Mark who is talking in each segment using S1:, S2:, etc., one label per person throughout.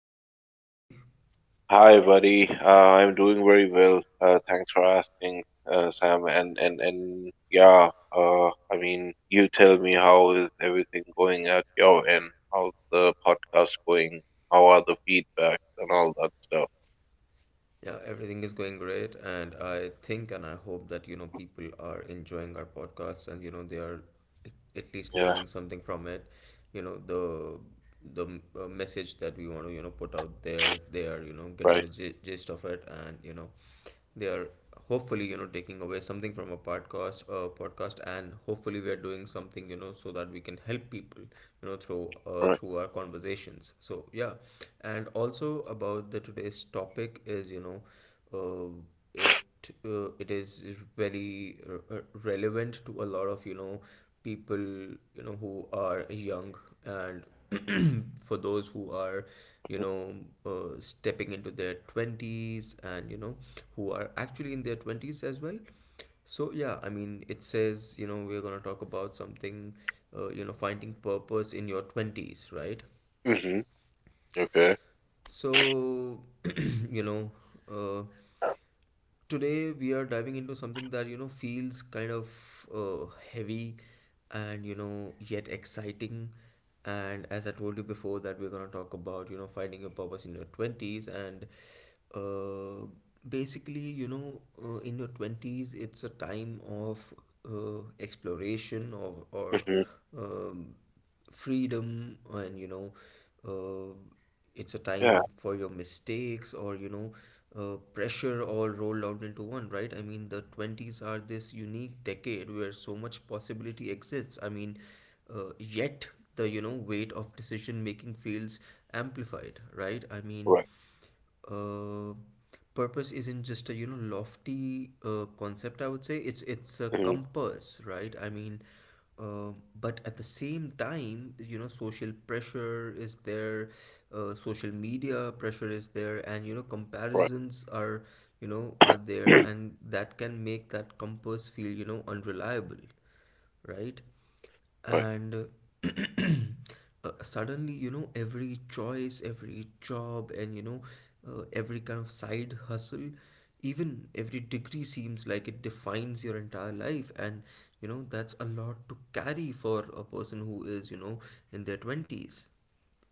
S1: it going with you, buddy?
S2: Hi, buddy. I'm doing very well. Thanks for asking, Sam. And yeah, I mean, you tell me, how is everything going at your end? How's the podcast going? How are the feedbacks and all that stuff?
S1: Yeah, everything is going great, and I think and I hope that people are enjoying our podcast and they are at at least
S2: Yeah,
S1: learning something from it. You know the the message that we want to put out there, they are getting
S2: right,
S1: the gist of it, and they are hopefully taking away something from a podcast, and hopefully we are doing something so that we can help people through
S2: right.
S1: through our conversations. So yeah, and also about the today's topic, is you know uh, it it is very relevant to a lot of people, who are young, and for those who are, you know stepping into their 20s, and who are actually in their 20s as well. So yeah, I mean, it says you know we're going to talk about something, finding purpose in your 20s, right?
S2: Mm-hmm. Okay.
S1: So, you know, uh, today we are diving into something that, feels kind of heavy and, yet exciting. And as I told you before, that we're going to talk about, finding your purpose in your 20s. And uh, basically, in your 20s, it's a time of exploration, or
S2: Mm-hmm.
S1: um, freedom and, uh, it's a
S2: Yeah,
S1: time for your mistakes, or pressure, all rolled out into one, right? I mean, the 20s are this unique decade where so much possibility exists. I mean, yet the weight of decision making feels amplified, right? I mean,
S2: right.
S1: uh, purpose isn't just a lofty concept, I would say. It's a
S2: Mm-hmm.
S1: compass, right? I mean, uh, but at the same time, social pressure is there, social media pressure is there, and
S2: Right.
S1: comparisons are you know are there, and that can make that compass feel, unreliable, right?
S2: Right.
S1: And suddenly, every choice, every job, and every kind of side hustle, even every degree, seems like it defines your entire life. And that's a lot to carry for a person who is, in their 20s.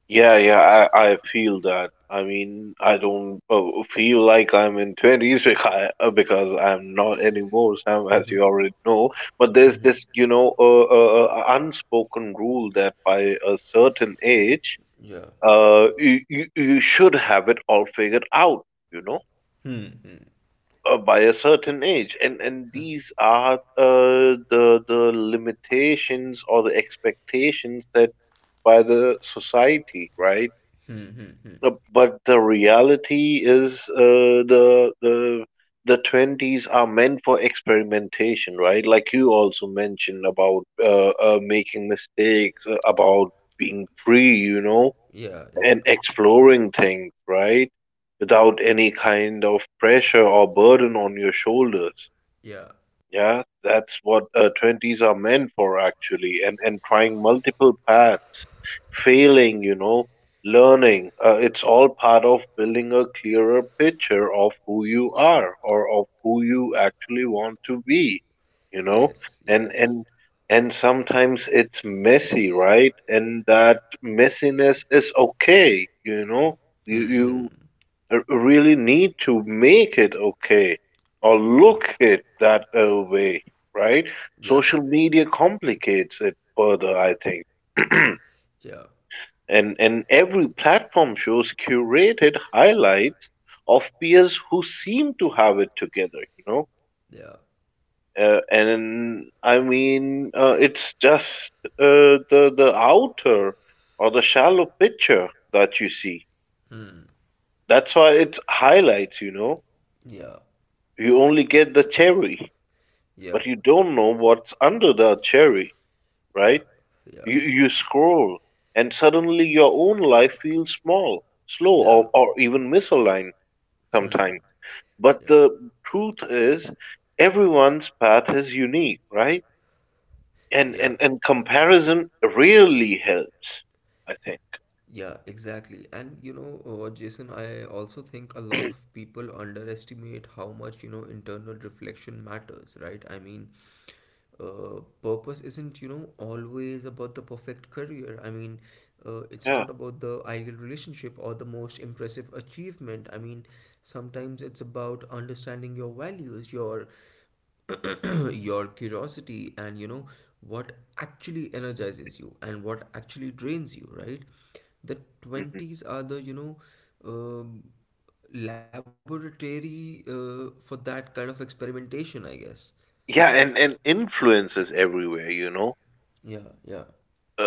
S2: Yeah, yeah, I feel that. I mean, I don't feel like I'm in 20s because I'm not anymore, Sam, as you already know. But there's this, you know, unspoken rule that by a certain age,
S1: Yeah.
S2: you should have it all figured out, you know,
S1: Hmm. Hmm.
S2: by a certain age. And
S1: Huh.
S2: these are the limitations or the expectations set by the society, right?
S1: Hmm. Hmm. Hmm.
S2: But the reality is, uh, 20s are meant for experimentation, right? Like you also mentioned about making mistakes, about being free, you know,
S1: Yeah. Yeah.
S2: and exploring things, right? Without any kind of pressure or burden on your shoulders.
S1: Yeah.
S2: Yeah, that's what 20s are meant for actually, and trying multiple paths, failing, you know, learning. It's all part of building a clearer picture of who you are or of who you actually want to be, you know.
S1: Yes.
S2: And
S1: Yes.
S2: and and sometimes it's messy, right? And that messiness is okay, you know. You
S1: Hmm.
S2: you
S1: Hmm.
S2: really need to make it okay or
S1: Yeah.
S2: look it that way, right?
S1: Yeah.
S2: Social media complicates it further, I think.
S1: Yeah.
S2: And every platform shows curated highlights of peers who seem to have it together, you know.
S1: Yeah.
S2: And I mean, it's just uh, the outer or the shallow picture that you see.
S1: Hmm.
S2: That's why it's highlights, you know,
S1: Yeah,
S2: you only get the cherry.
S1: yeah,
S2: But you don't know what's under the cherry, right?
S1: yeah, yeah,
S2: You scroll, and suddenly your own life feels small, slow,
S1: yeah.
S2: or even misaligned
S1: Hmm.
S2: sometimes. But
S1: Yeah,
S2: the truth is, everyone's path is unique, right? And,
S1: yeah,
S2: and, and comparison really helps, I think.
S1: yeah, exactly. And Jason, I also think a lot of people underestimate how much, internal reflection matters, right? I mean, purpose isn't, always about the perfect career. I mean, it's
S2: Yeah.
S1: not about the ideal relationship or the most impressive achievement. I mean, sometimes it's about understanding your values, your your curiosity, and what actually energizes you and what actually drains you, right? The
S2: Hmm.
S1: 20s are the, um, laboratory for that kind of experimentation, I guess.
S2: Yeah, and influences everywhere, you know.
S1: Yeah, yeah.
S2: Uh,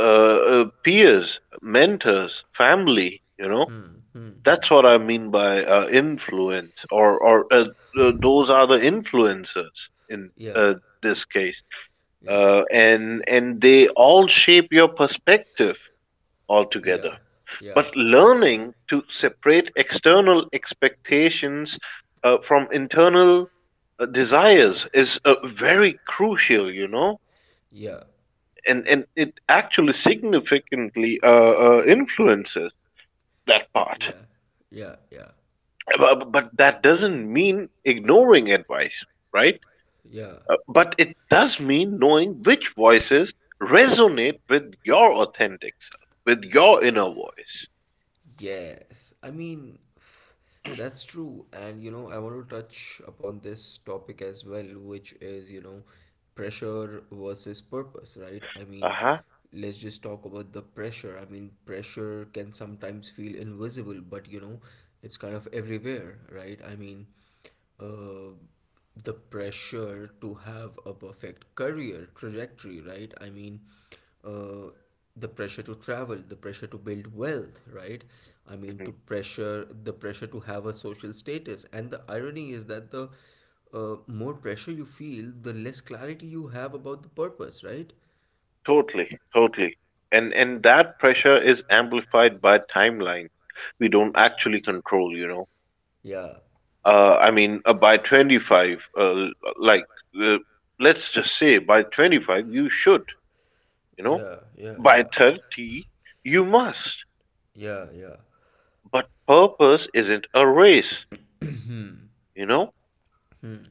S2: uh, Peers, mentors, family, you know.
S1: Hmm, hmm, hmm.
S2: That's what I mean by influence, or those are the influencers in
S1: Yeah,
S2: this case,
S1: yeah,
S2: and they all shape your perspective
S1: yeah,
S2: altogether.
S1: yeah,
S2: But learning to separate external expectations from internal desires is very crucial, you know,
S1: yeah,
S2: and it actually significantly influences that part.
S1: yeah, yeah, yeah,
S2: But that doesn't mean ignoring advice, right?
S1: yeah.
S2: But it does mean knowing which voices resonate with your authentic self, with your inner voice.
S1: Yes, I mean, that's true. And, I want to touch upon this topic as well, which is, pressure versus purpose, right? I
S2: Uh
S1: mean,
S2: huh.
S1: let's just talk about the pressure. I mean, pressure can sometimes feel invisible, but, it's kind of everywhere, right? I mean, uh, the pressure to have a perfect career trajectory, right? I mean, uh, the pressure to travel, the pressure to build wealth, right? I mean,
S2: Hmm.
S1: the pressure to have a social status. And the irony is that the more pressure you feel, the less clarity you have about the purpose, right?
S2: Totally, totally. And that pressure is amplified by timelines we don't actually control. You know,
S1: Yeah,
S2: I mean, by 25, like uh, let's just say by 25 you should. You know,
S1: yeah, yeah,
S2: by
S1: yeah,
S2: 30 you must.
S1: yeah,
S2: But purpose isn't a race,
S1: yeah.
S2: you know?
S1: Hmm.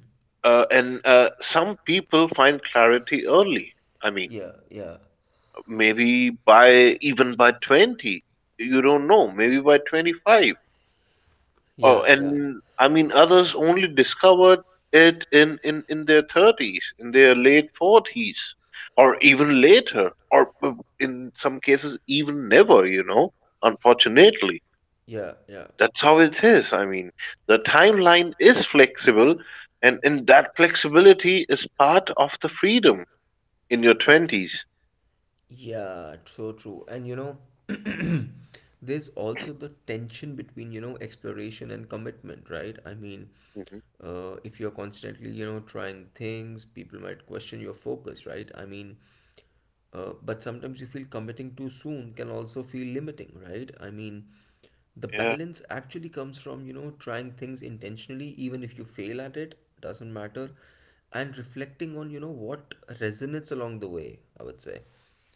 S2: And Some people find clarity early. I mean,
S1: Yeah, yeah,
S2: maybe by even by 20, you don't know, maybe by 25. Oh,
S1: yeah, yeah,
S2: and I mean, others only discovered it in their 30s, in their late 40s, or even later, or in some cases, even never, you know, unfortunately.
S1: yeah, yeah.
S2: That's how it is. I mean, the timeline is flexible, and in that flexibility is part of the freedom in your 20s.
S1: Yeah, so true. And there's also the tension between, exploration and commitment, right? I mean,
S2: Hmm.
S1: if you're constantly, trying things, people might question your focus, right? I mean, but sometimes you feel committing too soon can also feel limiting, right? I mean, the
S2: Yeah,
S1: balance actually comes from, trying things intentionally, even if you fail at it, doesn't matter, and reflecting on, what resonates along the way, I would say.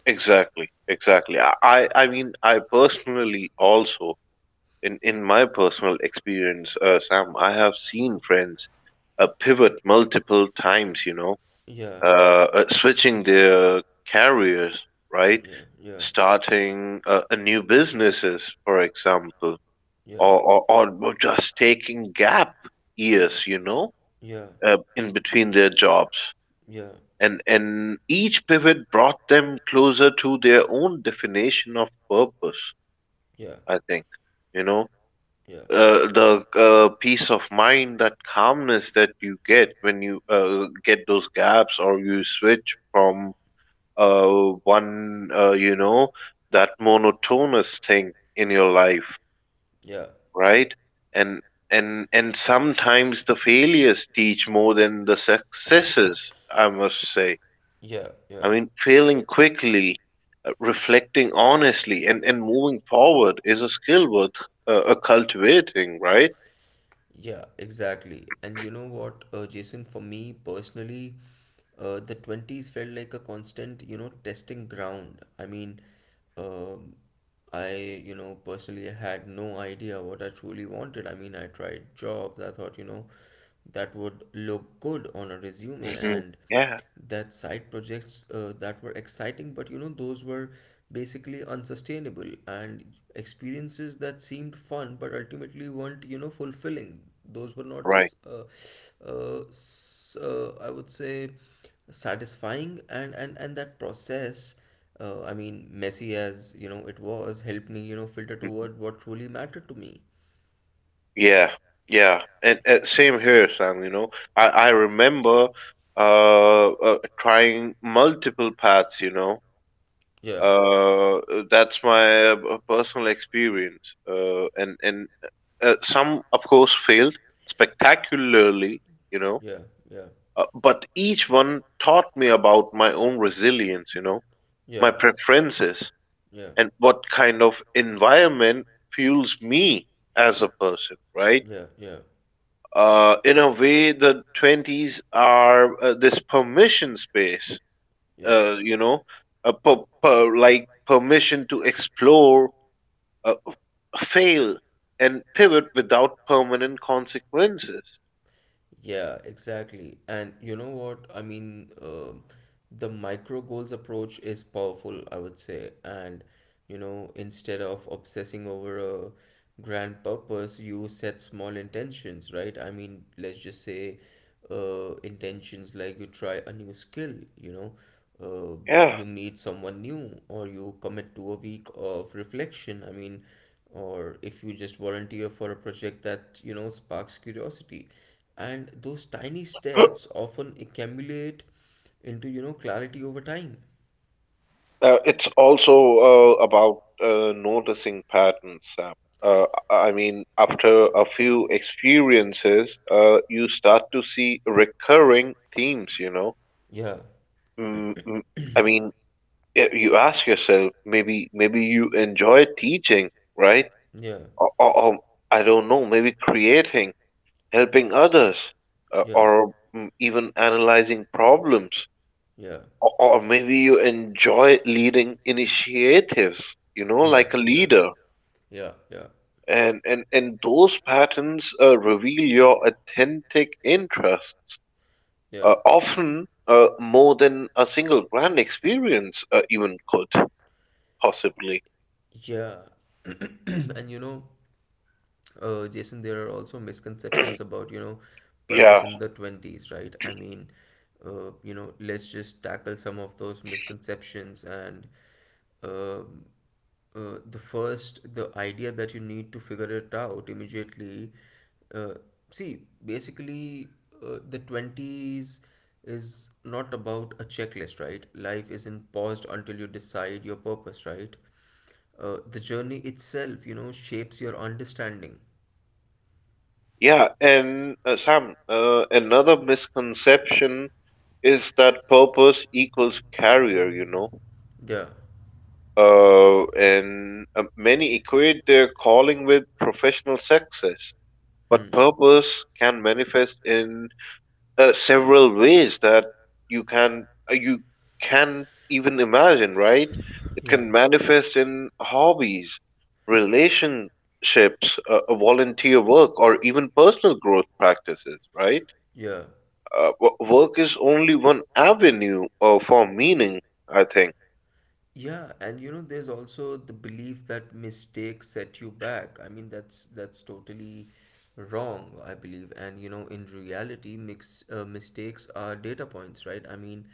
S2: exactly, exactly. I mean, I personally also, in my personal experience, Sam, I have seen friends pivot multiple times, you know,
S1: Yeah,
S2: switching their careers, right?
S1: yeah, yeah,
S2: Starting a new businesses, for example,
S1: yeah,
S2: or just taking gap years, you know,
S1: yeah,
S2: in between their jobs.
S1: yeah, yeah,
S2: And each pivot brought them closer to their own definition of purpose,
S1: yeah,
S2: I think. You know, the peace of mind, that calmness that you get when you get those gaps or you switch from you know, that monotonous thing in your life,
S1: yeah,
S2: right? And and sometimes the failures teach more than the successes, I must say.
S1: yeah, yeah,
S2: I mean, failing quickly, reflecting honestly, and moving forward is a skill worth cultivating, right?
S1: yeah, exactly. And Jason, for me personally, the 20s felt like a constant, testing ground. I mean, um, I, personally had no idea what I truly wanted. I mean, I tried jobs, I thought, that would look good on a resume,
S2: Hmm.
S1: and
S2: Yeah,
S1: that side projects that were exciting, but those were basically unsustainable, and experiences that seemed fun but ultimately weren't, fulfilling. Those were not,
S2: right.
S1: uh, I would say, satisfying, and that process, I mean, messy as it was, helped me, filter
S2: Hmm.
S1: toward what truly mattered to me.
S2: Yeah, yeah, and same here, Sam. You know, I remember trying multiple paths. You know,
S1: Yeah,
S2: that's my personal experience. And Some, of course, failed spectacularly. You know,
S1: yeah, yeah,
S2: but each one taught me about my own resilience. You know, my
S1: yeah,
S2: preferences
S1: yeah,
S2: and what kind of environment fuels me as a person, right?
S1: yeah, yeah.
S2: In a way, the 20s are this permission space, you know,
S1: Yeah.
S2: like permission to explore, uh, fail, and pivot without permanent consequences.
S1: Yeah, exactly. And you know what? I mean, the micro goals approach is powerful, I would say. And instead of obsessing over a grand purpose, you set small intentions, right? I mean, let's just say, intentions like you try a new skill, you know, uh,
S2: Yeah.
S1: you meet someone new, or you commit to a week of reflection. I mean, or if you just volunteer for a project that sparks curiosity, and those tiny steps often accumulate into, clarity over time.
S2: It's also about noticing patterns. Sam. I mean, after a few experiences, you start to see recurring themes, you know.
S1: Yeah,
S2: Mm, mm, I mean, yeah, you ask yourself, maybe you enjoy teaching, right,
S1: yeah,
S2: or I don't know, maybe creating, helping others, uh,
S1: yeah,
S2: or mm, even analyzing problems,
S1: yeah,
S2: or maybe you enjoy leading initiatives, you know,
S1: yeah,
S2: like a
S1: yeah,
S2: leader.
S1: yeah, yeah,
S2: And those patterns reveal your authentic interests,
S1: yeah,
S2: often more than a single grand experience even could possibly.
S1: yeah. And Jason, there are also misconceptions about, purpose
S2: Yeah.
S1: in the 20s, right? I mean, let's just tackle some of those misconceptions. And um the first, the idea that you need to figure it out immediately. Uh, See, basically, the 20s is not about a checklist, right? Life isn't paused until you decide your purpose, right? The journey itself, shapes your understanding.
S2: Yeah, and Sam, another misconception is that purpose equals career, you know.
S1: Yeah.
S2: And Many equate their calling with professional success, but
S1: Hmm.
S2: purpose can manifest in several ways that you can't even imagine, right? It
S1: Yeah.
S2: can manifest in hobbies, relationships, volunteer work, or even personal growth practices, right?
S1: Yeah.
S2: Work is only one avenue for meaning, I think.
S1: Yeah, and there's also the belief that mistakes set you back. I mean, that's totally wrong, I believe. And in reality, mix mistakes are data points, right? I mean,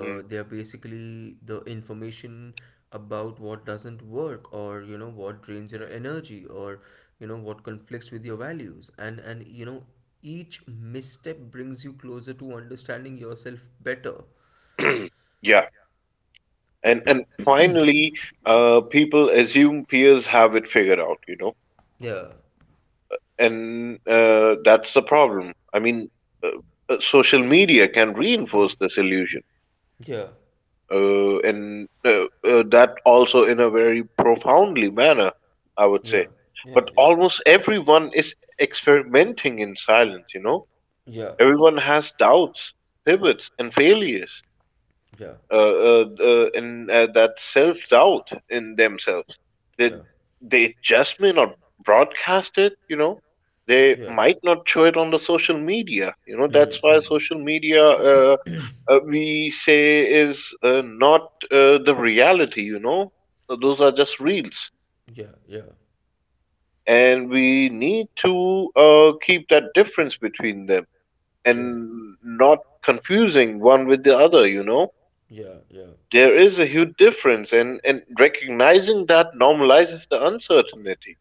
S2: Mm.
S1: they are basically the information about what doesn't work, or what drains your energy, or what conflicts with your values. And each misstep brings you closer to understanding yourself better.
S2: Yeah. And finally, people assume peers have it figured out, you know,
S1: Yeah,
S2: and that's the problem. I mean, uh, social media can reinforce this illusion,
S1: yeah.
S2: and that also in a very profoundly manner, I would
S1: Yeah,
S2: say.
S1: yeah,
S2: But
S1: yeah,
S2: almost everyone is experimenting in silence, you know.
S1: yeah,
S2: Everyone has doubts, pivots, and failures.
S1: yeah,
S2: In That self doubt in themselves, they
S1: yeah,
S2: they just may not broadcast it. You know, they
S1: yeah.
S2: might not show it on the social media. You know, that's
S1: Hmm,
S2: why
S1: hmm.
S2: social media we say is not the reality. You know, those are just reels,
S1: Yeah, yeah,
S2: and we need to keep that difference between them
S1: yeah,
S2: and not confusing one with the other, you know?
S1: yeah, yeah.
S2: There is a huge difference, and recognizing that normalizes the uncertainty.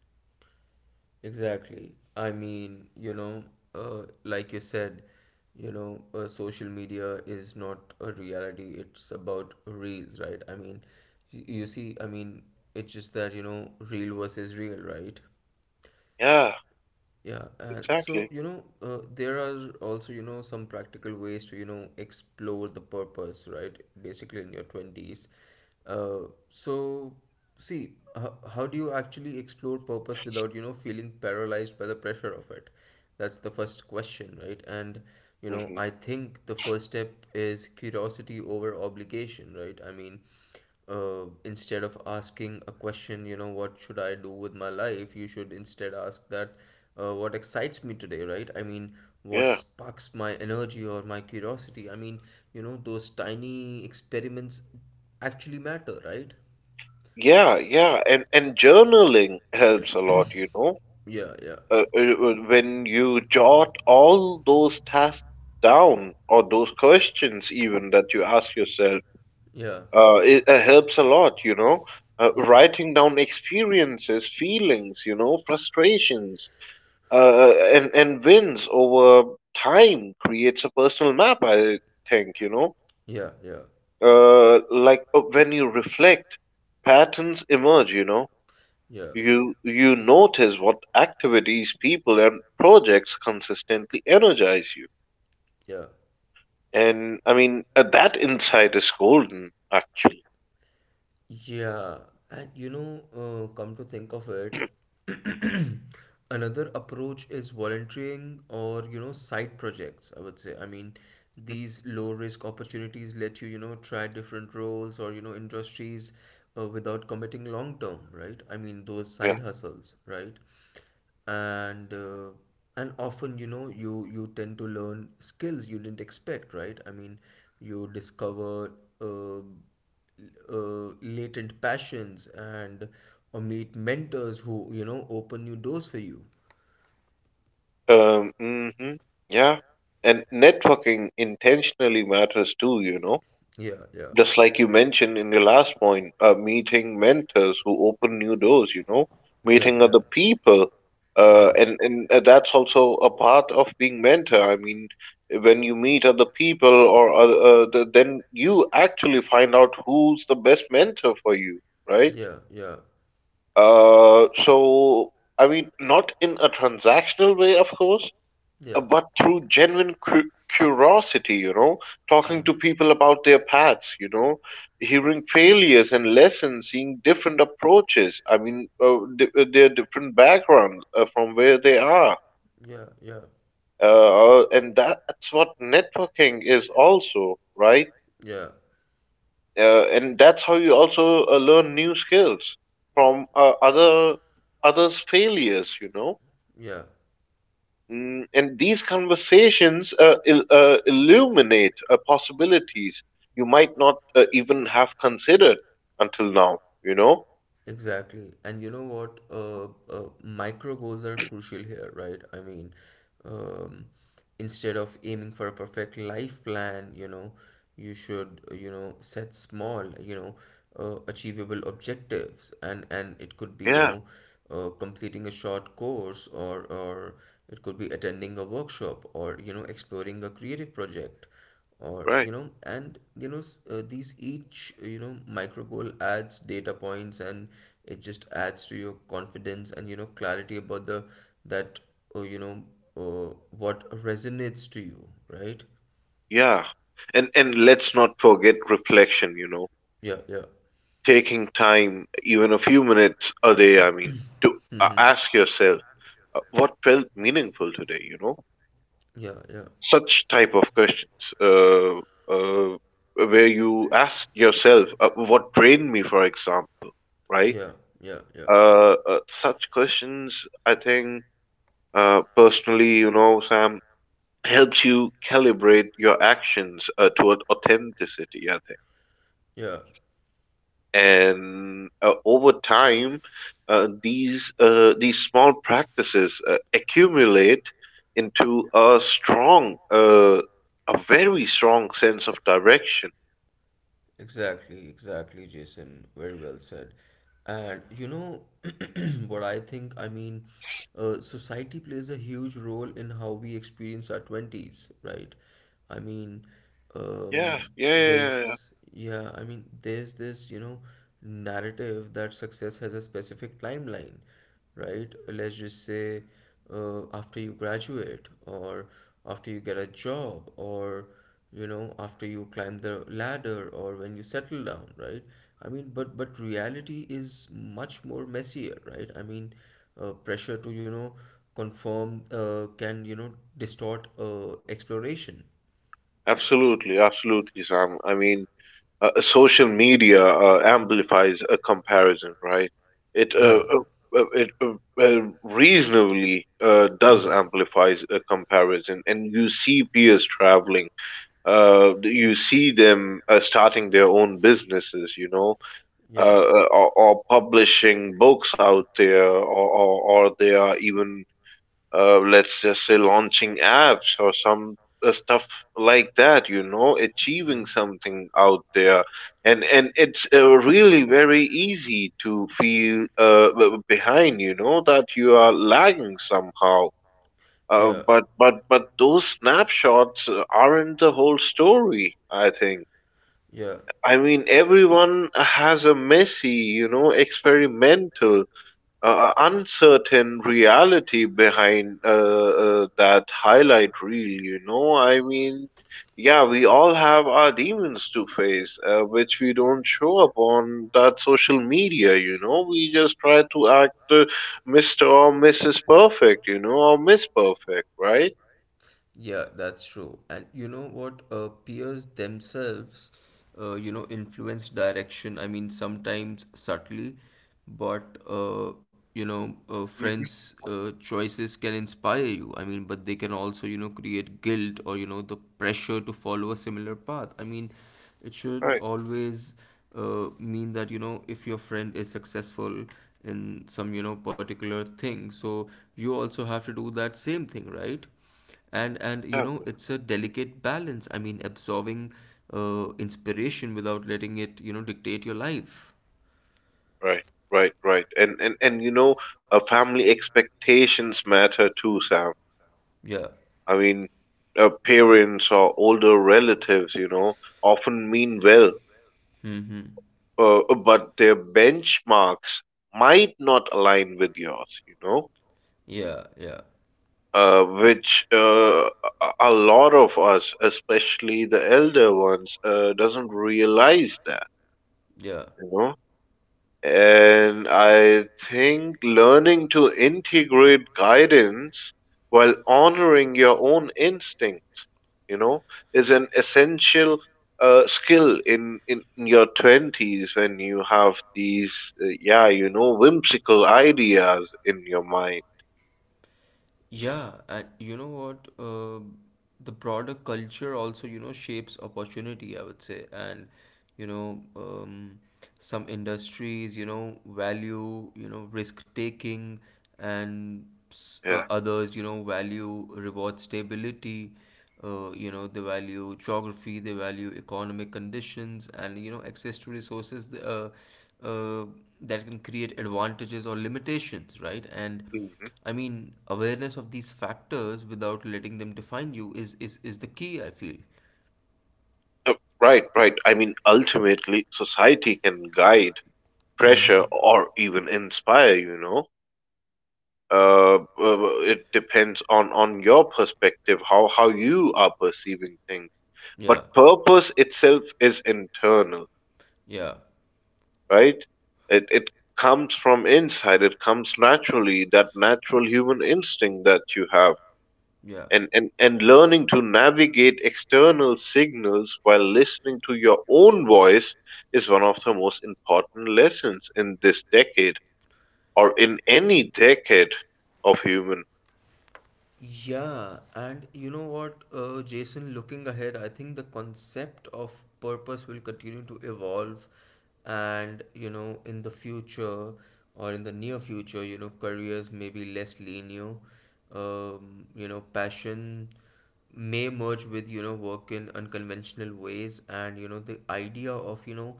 S1: Exactly. I mean, like you said, social media is not a reality. It's about reels, right? I mean, you see, I mean, it's just that, real versus real, right?
S2: Yeah,
S1: Yeah, and so
S2: exactly.
S1: there are also some practical ways to explore the purpose, right? Basically, in your twenties. Uh, so, See, how do you actually explore purpose without feeling paralyzed by the pressure of it? That's the first question, right? And
S2: Hmm.
S1: I think the first step is curiosity over obligation, right? I mean, instead of asking a question, what should I do with my life, you should instead ask that, what excites me today, right? I mean, what
S2: Yeah,
S1: sparks my energy or my curiosity? I mean, those tiny experiments actually matter, right?
S2: yeah, yeah. And journaling helps a lot, you know?
S1: Yeah, yeah,
S2: When you jot all those tasks down, or those questions even that you ask yourself,
S1: yeah,
S2: it helps a lot, you know?
S1: yeah,
S2: Writing down experiences, feelings, you know, frustrations, and wins over time creates a personal map, I think, you know.
S1: yeah, yeah,
S2: When you reflect, patterns emerge, you know.
S1: yeah,
S2: You notice what activities, people, and projects consistently energize you,
S1: yeah.
S2: and I mean that insight is golden, actually.
S1: Yeah, and come to think of it, another approach is volunteering or, side projects, I would say. I mean,
S2: Mhm.
S1: these low risk opportunities let you, try different roles or, industries, without committing long term, right? I mean, those
S2: Yeah.
S1: side hustles, right? And often you tend to learn skills you didn't expect, right? I mean, you discover, uh, latent passions, and or meet mentors who open new doors for you.
S2: Mhm. Yeah, and networking intentionally matters too, you know.
S1: Yeah, yeah,
S2: Just like you mentioned in your last point, meeting mentors who open new doors, you know,
S1: yeah,
S2: meeting
S1: yeah,
S2: other people.
S1: yeah,
S2: And That's also a part of being mentor. I mean, when you meet other people or other, then you actually find out who's the best mentor for you, right?
S1: yeah, yeah,
S2: So I mean, not in a transactional way, of course,
S1: yeah,
S2: but through genuine curiosity, you know,
S1: yeah,
S2: talking
S1: yeah,
S2: to people about their paths, you know, hearing failures and lessons, seeing different approaches. I mean, their different backgrounds from where they are.
S1: yeah,
S2: And that's what networking is also, right?
S1: yeah,
S2: And that's how you also learn new skills from others' failures, you know.
S1: yeah.
S2: And these conversations illuminate possibilities you might not even have considered until now, you know.
S1: Exactly. And you know what? Micro goals are crucial here, right? I mean, um, instead of aiming for a perfect life plan, you should, set small, achievable objectives. And it could be, you
S2: Yeah,
S1: know, completing a short course, or it could be attending a workshop, or, you know, exploring a creative project, or you
S2: right.
S1: know and you know s- these each micro goal adds data points, and it just adds to your confidence and, you know, clarity about the that you know what resonates to you, right?
S2: Yeah, and let's not forget reflection, you know,
S1: Yeah, yeah.
S2: taking time, even a few minutes a day. I mean, to
S1: Mm-hmm.
S2: ask yourself what felt meaningful today, you know,
S1: Yeah, yeah,
S2: such type of questions, uh, uh, where you ask yourself what drained me, for example, right?
S1: yeah, yeah, yeah,
S2: Such questions, I think, personally, you know, Sam, helps you calibrate your actions toward authenticity, I think.
S1: yeah.
S2: And over time, these small practices accumulate into a strong, a very strong sense of direction.
S1: Exactly, exactly, Jason. Very well said. And you know what I think? I mean, society plays a huge role in how we experience our 20s, right? I mean,
S2: Yeah,
S1: um,
S2: yeah, yeah, yeah. Yeah.
S1: there's, yeah, I mean, there's this, you know, narrative that success has a specific timeline, right? Let's just say, after you graduate, or after you get a job, or, you know, after you climb the ladder, or when you settle down, right? I mean, but reality is much more messier, right? I mean, pressure to, you know, conform can, you know, distort exploration.
S2: Absolutely, absolutely, Sam. I mean, social media amplifies a comparison, right? It uh,
S1: Yeah.
S2: uh, it reasonably does amplifies a comparison, and you see peers traveling. You see them starting their own businesses, you know, uh,
S1: Yeah.
S2: uh, or, or publishing books out there, or they are even let's just say launching apps or some stuff like
S1: uh, like.
S2: that,
S1: Yeah.
S2: achieving something out there. And it's really very
S1: Really
S2: easy to feel behind, you
S1: uh,
S2: know, that you are lagging somehow.
S1: Yeah.
S2: But those snapshots aren't the whole story, I think.
S1: Yeah.
S2: I mean, everyone has a messy, experimental, uncertain reality behind that highlight reel, you know? I mean, yeah, we all have our demons to face, which we don't show up on that social media, you know? We just try to act Mr. or Mrs. Perfect, you know, or Miss Perfect, right?
S1: Yeah, that's true. And you know what? Peers themselves, you know, influence direction. I mean, sometimes subtly, but you know,
S2: Mm-hmm.
S1: friends' choices can inspire you. I mean, but they can also, you know, create guilt, or, you know, the pressure to follow a similar path. I mean, it shouldn't
S2: Right,
S1: always mean that, you know, if your friend is successful in some, you know, particular thing, so you also have to do that same thing, right? And
S2: exactly.
S1: it's a delicate balance. I mean, absorbing inspiration without letting it, you know, dictate your life.
S2: Right, right, right. And family expectations matter too, Sam.
S1: Yeah.
S2: I mean, parents or older relatives, you know, often mean well,
S1: Mm-hmm.
S2: but their benchmarks might not align with yours, you know,
S1: Yeah. Yeah.
S2: which a lot of us, especially the elder ones, doesn't realize that,
S1: Yeah.
S2: you know. And I think learning to integrate guidance while honoring your own instincts, you know, is an essential skill in your twenties when you have these, yeah, you know, whimsical ideas in your mind.
S1: Yeah, and you know what? The broader culture also, you know, shapes opportunity, I would say. And, you know, some industries, you know, value, you know, risk taking, and
S2: Yeah.
S1: others, you know, value reward stability. You know, they value geography, they value economic conditions, and, you know, access to resources uh, that can create advantages or limitations, right? And,
S2: Hmm.
S1: I mean, awareness of these factors without letting them define you is the key, I feel.
S2: Right, right. I mean, ultimately, society can guide, pressure,
S1: Mm-hmm.
S2: or even inspire, you know. It depends on your perspective, how you are perceiving things. But
S1: Yeah.
S2: purpose itself is internal,
S1: Yeah.
S2: right? It comes from inside. It comes naturally, that natural human instinct that you have.
S1: Yeah.
S2: And, learning to navigate external signals while listening to your own voice is one of the most important lessons in this decade or in any decade of human,
S1: Yeah, and you know what, Jason, looking ahead, I think the concept of purpose will continue to evolve. And, you know, in the future, or in the near future, you know, careers may be less linear. You know, passion may merge with, you know, work in unconventional ways, and, you know, the idea of, you know,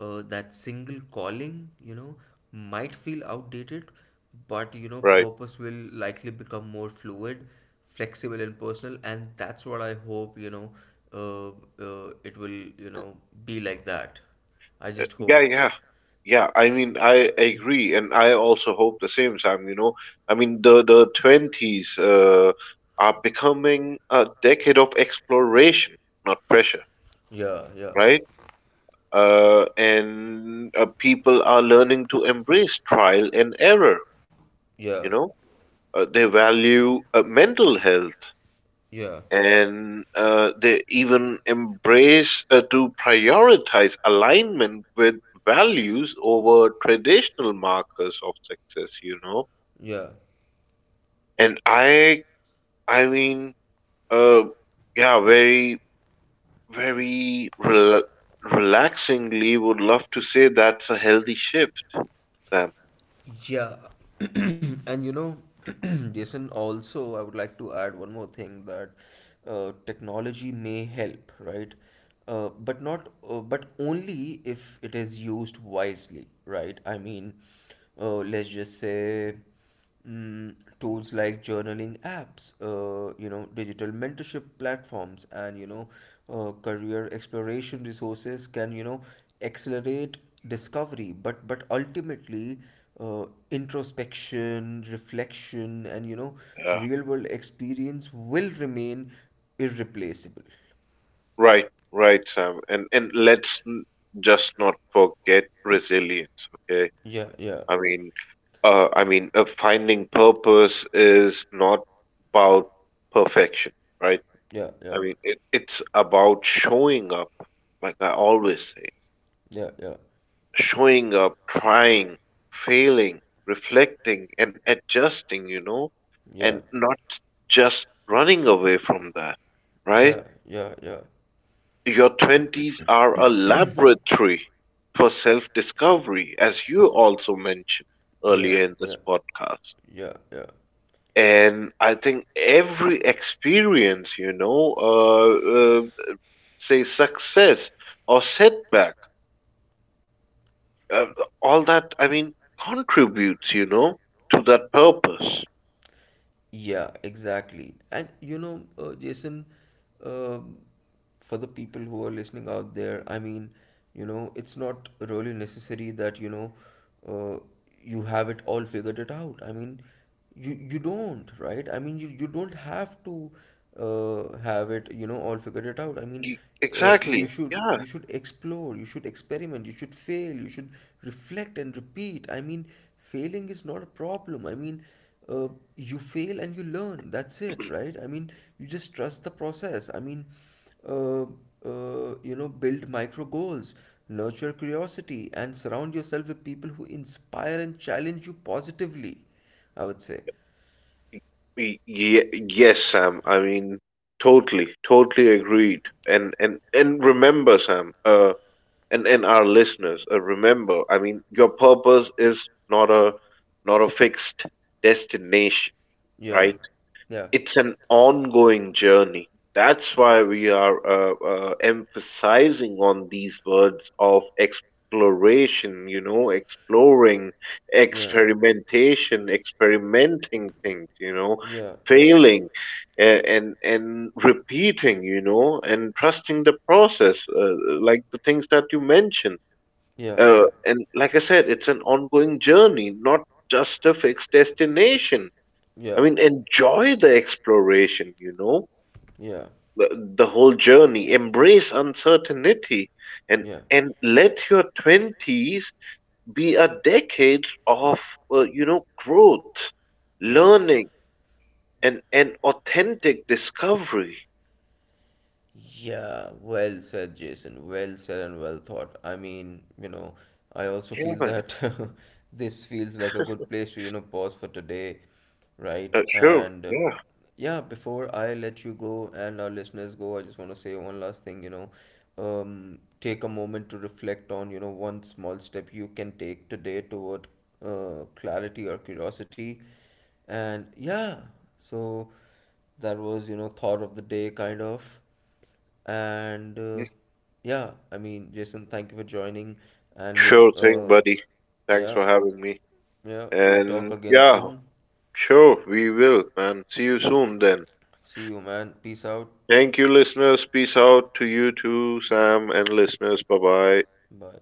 S1: that single calling, you know, might feel outdated. But, you know,
S2: right?
S1: purpose will likely become more fluid, flexible and personal, and that's what I hope, you know, uh, it will, you know, be like that. I just
S2: Yeah,
S1: hope.
S2: yeah. Yeah, I mean, I agree, and I also hope the same, Sam, you know. I mean, the twenties are becoming a decade of exploration, not pressure,
S1: Yeah, yeah,
S2: right? And people are learning to embrace trial and error,
S1: yeah,
S2: you know. They value mental health,
S1: yeah,
S2: and they even embrace to prioritize alignment with values over traditional markers of success, you know.
S1: yeah.
S2: And i mean uh yeah very very rela- relaxingly would love to say that's a healthy shift, Sam.
S1: Yeah, and you know, Jason, also, I would like to add one more thing, that technology may help, right? But only if it is used wisely, right? I mean, let's just say. Mm, tools like journaling apps, you know, digital mentorship platforms, and, you know, career exploration resources can, you know, accelerate discovery. But ultimately, introspection, reflection, and, you know,
S2: Yeah,
S1: real world experience will remain irreplaceable.
S2: right, right, Sam. And just not forget resilience, okay?
S1: Yeah, yeah,
S2: I mean, finding purpose is not about perfection, right?
S1: yeah,
S2: I
S1: yeah,
S2: mean, it's about showing up, like I always say,
S1: yeah, yeah,
S2: showing up, trying, failing, reflecting, and adjusting, you know, and
S1: yeah,
S2: not just running away from that, right?
S1: yeah, yeah, yeah,
S2: Your twenties are a laboratory for self discovery, as you also mentioned
S1: yeah,
S2: earlier in this
S1: yeah,
S2: podcast.
S1: yeah, yeah.
S2: And I think every experience, say success or setback, uh, all that, I mean, contributes, to that purpose.
S1: Yeah, exactly. And you know, Jason, um for the people who are listening out there, I mean, you know, it's not really necessary that, you know, uh, you have it all figured it out. I mean, you don't, right? I mean, you don't have to have it, you know, all figured it out. I mean, you
S2: Exactly,
S1: should
S2: yeah.
S1: you should explore, you should experiment, you should fail, you should reflect and repeat. I mean, failing is not a problem. I mean, uh, you fail and you learn. That's it, right? I mean, you just trust the process. I mean, uh, you know, build micro goals, nurture curiosity, and surround yourself with people who inspire and challenge you positively, I would say.
S2: Y- ye- yes, Sam. I mean, totally, totally agreed. And remember, Sam, and our listeners, remember. I mean, your purpose is not a fixed destination,
S1: Yeah,
S2: right?
S1: yeah,
S2: It's an ongoing journey. That's why we are emphasizing on these words of exploration, you know, exploring,
S1: yeah,
S2: experimentation, experimenting things, you know,
S1: yeah, yeah,
S2: failing and repeating, you know, and trusting the process, like the things that you mentioned.
S1: yeah, yeah,
S2: And like I said, it's an ongoing journey, not just a fixed destination. I
S1: yeah,
S2: mean, enjoy the exploration, you know,
S1: yeah,
S2: the, the whole journey, embrace uncertainty, and
S1: yeah,
S2: let your twenties be a decade of, you know, growth,
S1: yeah.
S2: learning, and authentic discovery.
S1: Yeah, well said, Jason. Well said and well thought. I mean, you know, I also
S2: Yeah,
S1: feel
S2: man.
S1: that this feels like a good place to, you know, pause for today, right?
S2: Sure.
S1: And
S2: Yeah.
S1: yeah, before I let you go and our listeners go, I just want to say one last thing, you know, take a moment to reflect on, you know, one small step you can take today toward clarity or curiosity. And yeah, so that was, you know, thought of the day kind of. And
S2: Mm.
S1: yeah, I mean, Jason, thank you for joining. And we,
S2: Sure thing,
S1: uh,
S2: buddy. Thanks
S1: yeah,
S2: for having me.
S1: yeah, we'll talk
S2: And
S1: again
S2: yeah,
S1: soon.
S2: sure, we will, man. See you soon then.
S1: See you, man. Peace out.
S2: Thank you, listeners. Peace out to you too, Sam and listeners. Bye bye.
S1: Bye.